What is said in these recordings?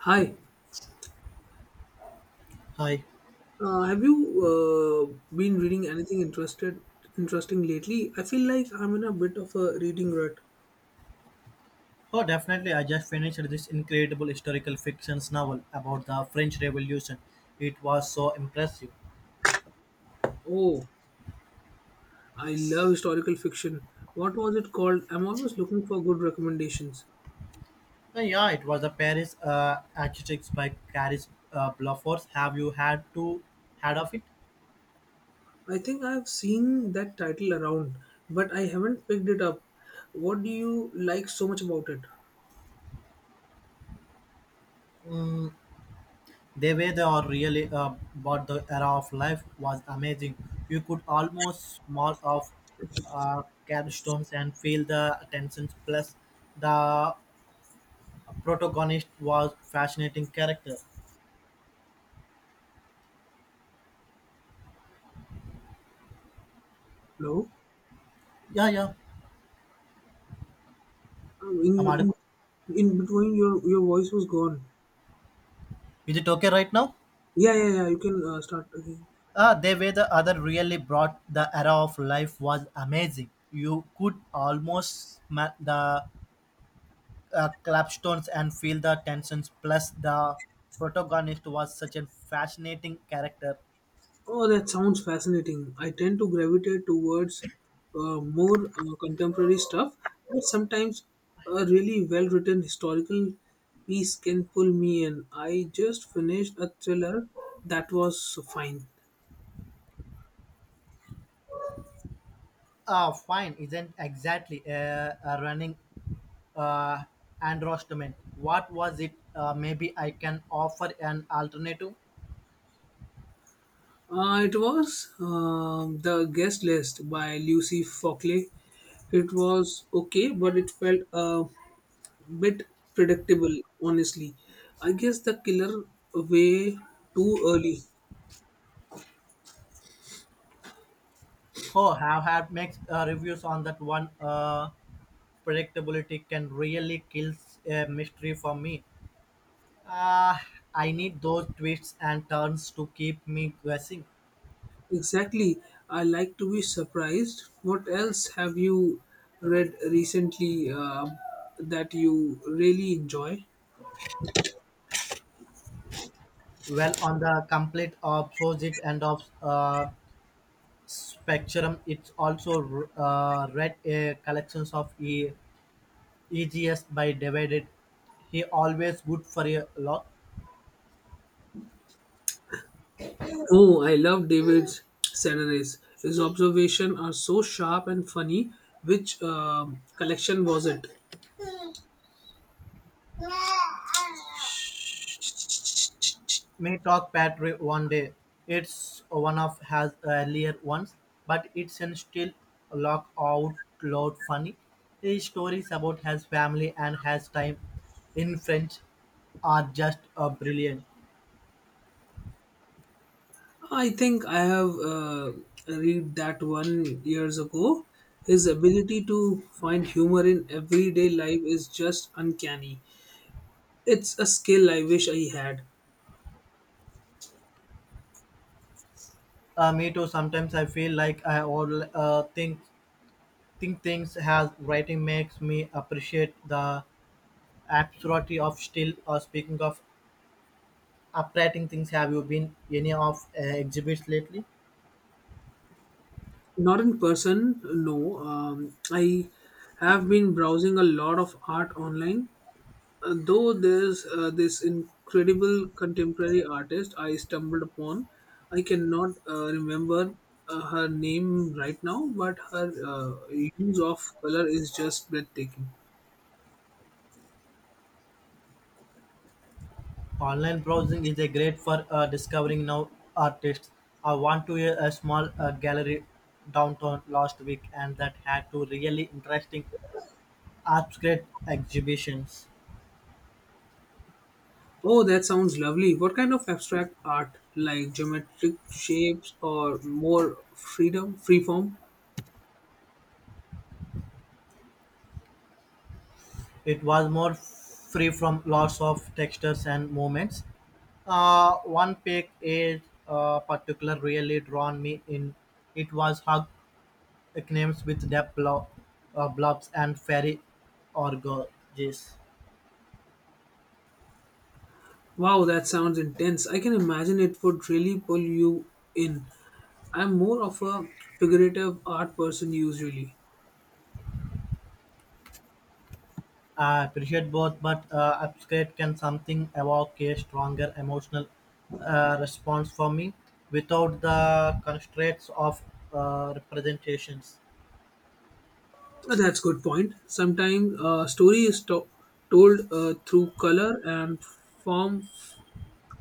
Hi, Hi. Have you been reading anything interested interesting lately? I feel like I'm in a bit of a reading rut. Oh, definitely. I just finished this incredible historical fiction novel about the French Revolution. It was so impressive. Oh, I love historical fiction. What was it called? I'm always looking for good recommendations. Yeah, it was a Paris architects by Caris Bluffers. Have you had to had of it? I think I've seen that title around, but I haven't picked it up. What do you like so much about it? Mm, the way they are really about the era of life was amazing. You could almost smell of uh, capstones and feel the tensions. Plus, the protagonist was fascinating character. Hello? Yeah, yeah. Um, In I'm in audible. in between your voice was gone. Is it okay right now? Yeah, yeah, yeah. You can start again. Ah, they were the other really brought the era of life was amazing. You could almost smell the clapstones and feel the tensions. Plus, the protagonist was such a fascinating character. Oh, that sounds fascinating. I tend to gravitate towards more contemporary stuff, but sometimes a really well written historical piece can pull me in. I just finished a thriller that was fine. Ah, fine, isn't exactly a running uh, endorsement. What was it? Maybe I can offer an alternative. It was The Guest List by Lucy Fockley. It was okay, but it felt a bit predictable, honestly. I guess the killer way too early. Oh, have had mixed reviews on that one. Predictability can really kill a mystery for me. Uh, I need those twists and turns to keep me guessing. Exactly. I like to be surprised. What else have you read recently that you really enjoy? Well, on the complete opposite end of spectrum, it's also read a collections of EGS by David. He always good for a lot. Oh, I love David's Saturdays. His observations are so sharp and funny. Which collection was it? Matlock Parkway one day. It's one of has earlier ones, but it's an still lock out loud funny. His stories about his family and his time in French are just brilliant. I think I have read that one years ago. His ability to find humor in everyday life is just uncanny. It's a skill I wish I had. Me too. Sometimes I feel like I all think things has writing makes me appreciate the absurdity of still. Speaking of uprating things, have you been any of exhibits lately? Not in person, no. I have been browsing a lot of art online. Though there's this incredible contemporary artist I stumbled upon. I cannot remember her name right now, but her use of color is just breathtaking. Online browsing is a great for discovering new artists. I went to a small gallery downtown last week and that had two really interesting abstract exhibitions. Oh, that sounds lovely. What kind of abstract art, like geometric shapes or more freedom, free form? It was more free from lots of textures and movements. One pic is particular really drawn me in. It was hug names with depth blobs and fairy organs. Wow, that sounds intense. I can imagine it would really pull you in. I'm more of a figurative art person usually. I appreciate both, but Upskate can something evoke a stronger emotional response for me without the constraints of representations. That's good point. Sometimes a story is told through color and form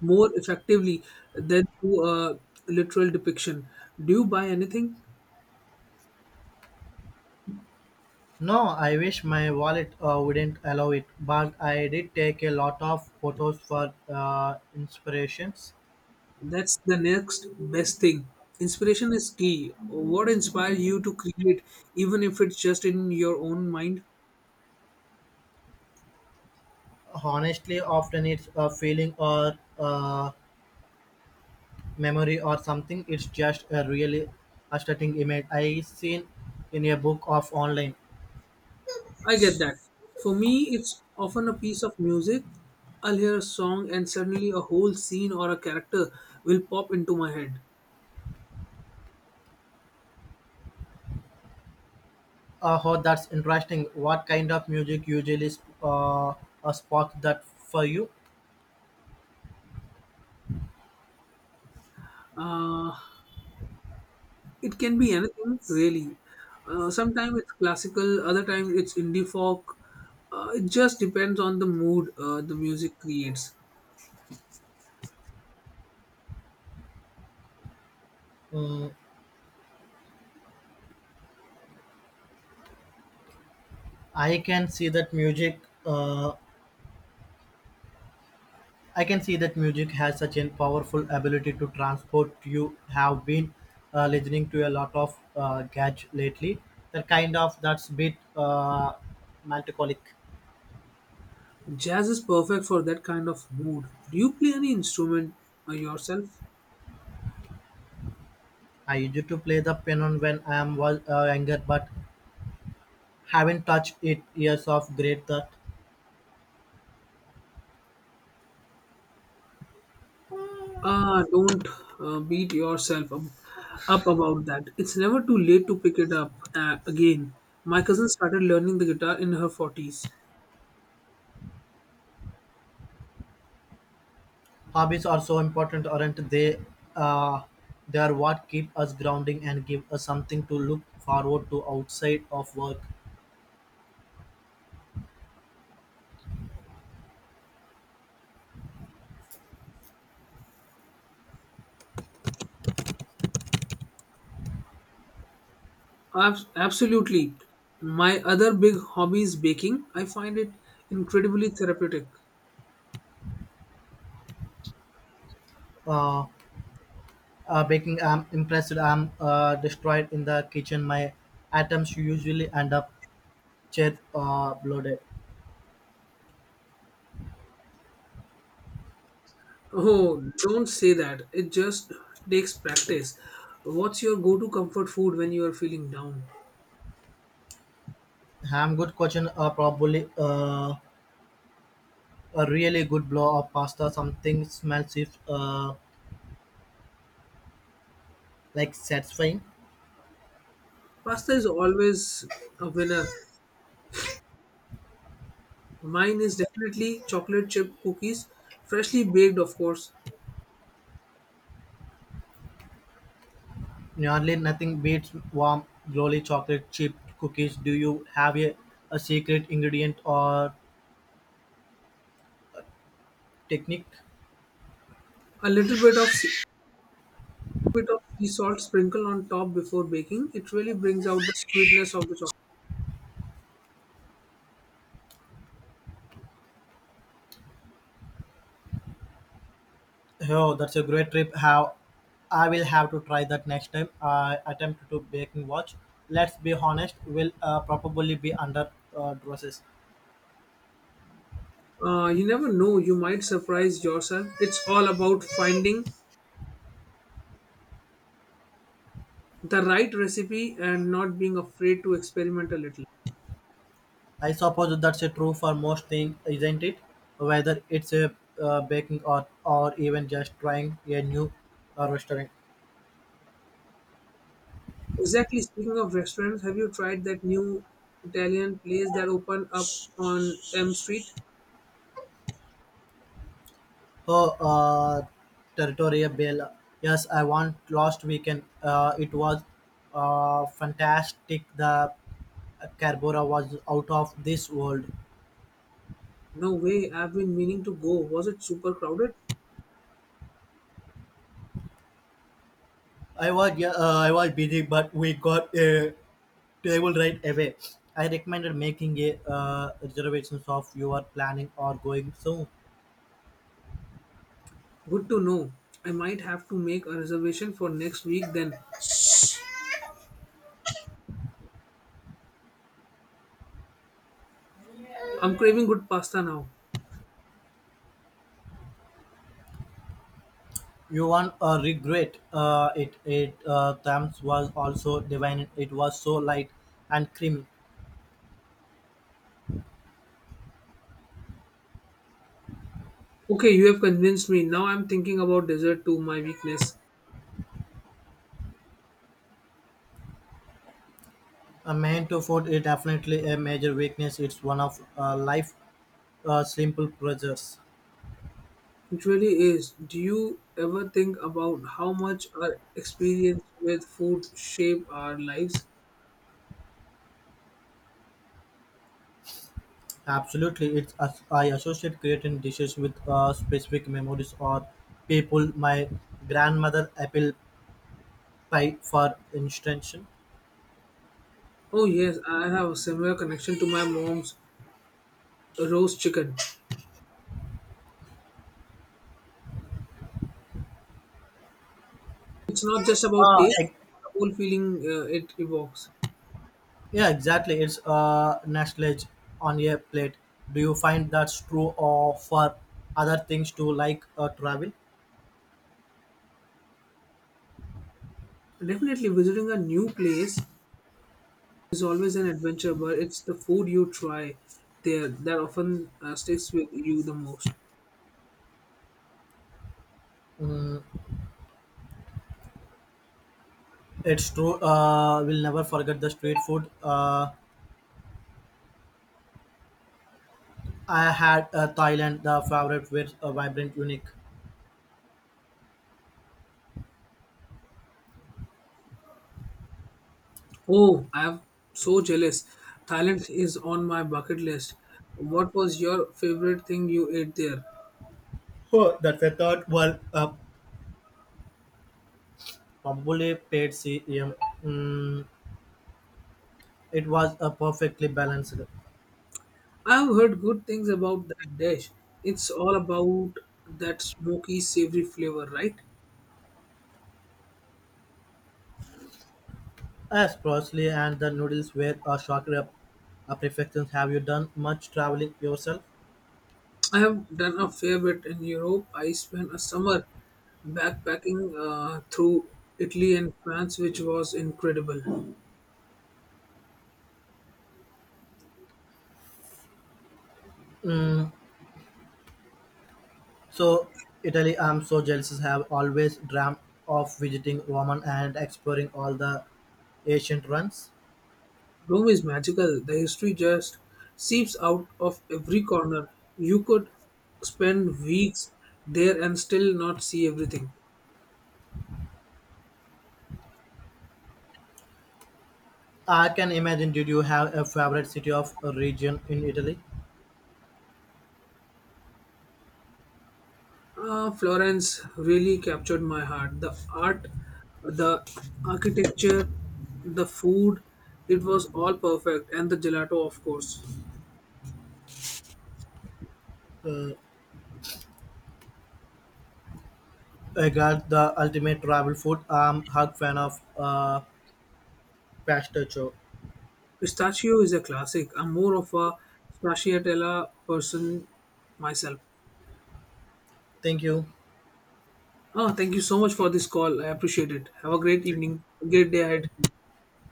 more effectively than through a literal depiction. Do you buy anything? No, I wish my wallet wouldn't allow it, but I did take a lot of photos for inspirations. That's the next best thing. Inspiration is key. What inspires you to create, even if it's just in your own mind? Honestly, often it's a feeling or a memory or something. It's just a really aesthetic image I seen in a book of online. I get that. For me, it's often a piece of music. I'll hear a song, and suddenly a whole scene or a character will pop into my head. Oh, that's interesting. What kind of music usually sparks that for you? Uh, it can be anything, really. Sometimes it's classical, other times it's indie folk. It just depends on the mood the music creates. Mm, I can see that music. Uh, I can see that music has such a powerful ability to transport. You have been listening to a lot of gadge lately. That's bit melancholic. Jazz is perfect for that kind of mood. Do you play any instrument yourself? I used to play the piano when I am was younger, but haven't touched it. Years of great that. Ah, don't beat yourself up about that. It's never too late to pick it up again. My cousin started learning the guitar in her 40s. Hobbies are so important, aren't they? Uh, they are what keep us grounding and give us something to look forward to outside of work. Absolutely. My other big hobby is baking. I find it incredibly therapeutic. Uh, Baking, I'm impressed. I'm destroyed in the kitchen. My items usually end up chat bloated. Oh, don't say that. It just takes practice. What's your go to comfort food when you are feeling down? Ham good question. Probably a really good blow of pasta. Something smells if like satisfying. Pasta is always a winner. Mine is definitely chocolate chip cookies, freshly baked, of course. Nearly nothing beats warm, glowy chocolate chip cookies. Do you have a secret ingredient or technique? A little bit of sea salt sprinkled on top before baking. It really brings out the sweetness of the chocolate. Oh, that's a great trip. How I will have to try that next time I attempt to baking watch. Let's be honest, will probably be under process. You never know, you might surprise yourself. It's all about finding the right recipe and not being afraid to experiment a little. I suppose that's a true for most things, isn't it? Whether it's a baking or even just trying a new restaurant. Exactly. Speaking of restaurants, have you tried that new Italian place that opened up on M Street? Oh, Territory yeah, Bell. Yes, I went last weekend. It was fantastic. The Carbora was out of this world. No way, I've been meaning to go. Was it super crowded? I was yeah, I was busy, but we got a table right away. I recommended making a reservations of your planning or going soon. Good to know. I might have to make a reservation for next week then. I'm craving good pasta now. You won't regret it. It Thames was also divine. It was so light and creamy. Okay, you have convinced me. Now I'm thinking about dessert too. My weakness. A man to food is definitely a major weakness. It's one of life's simple pleasures. It really is. Do you ever think about how much our experience with food shape our lives? Absolutely, it's as I associate creating dishes with specific memories or people. My grandmother apple pie, for instance. Oh yes, I have a similar connection to my mom's roast chicken. It's not just about Uh, taste, ex- the whole feeling it evokes. yeah, exactly. It's nostalgia on a plate. Do you find that's true or for other things too, like travel? Definitely, visiting a new place is always an adventure, but it's the food you try there that often sticks with you the most. It's true. We'll never forget the street food. I had Thailand, the favorite with a vibrant, unique. Oh, I'm so jealous. Thailand is on my bucket list. What was your favorite thing you ate there? Oh, that we thought were probably paid CM. Mm, it was perfectly balanced. I've heard good things about that dish. It's all about that smoky, savory flavor, right? As closely and the noodles were a shock rep. Perfections. Have you done much traveling yourself? I have done a fair bit in Europe. I spent a summer backpacking through Italy and France, which was incredible. Mm, so, Italy, I'm so jealous. Have always dreamt of visiting Rome and exploring all the ancient ruins. Rome is magical. The history just seeps out of every corner. You could spend weeks there and still not see everything. I can imagine. Did you have a favorite city of a region in Italy? Ah, Florence really captured my heart. The art, the architecture, the food, it was all perfect. And the gelato, of course. Uh. Eggers, the ultimate travel food. I'm a hug fan of pistachio. Pistachio is a classic. I'm more of a stracciatella person myself. Thank you. Oh, thank you so much for this call. I appreciate it. Have a great evening. Great day ahead.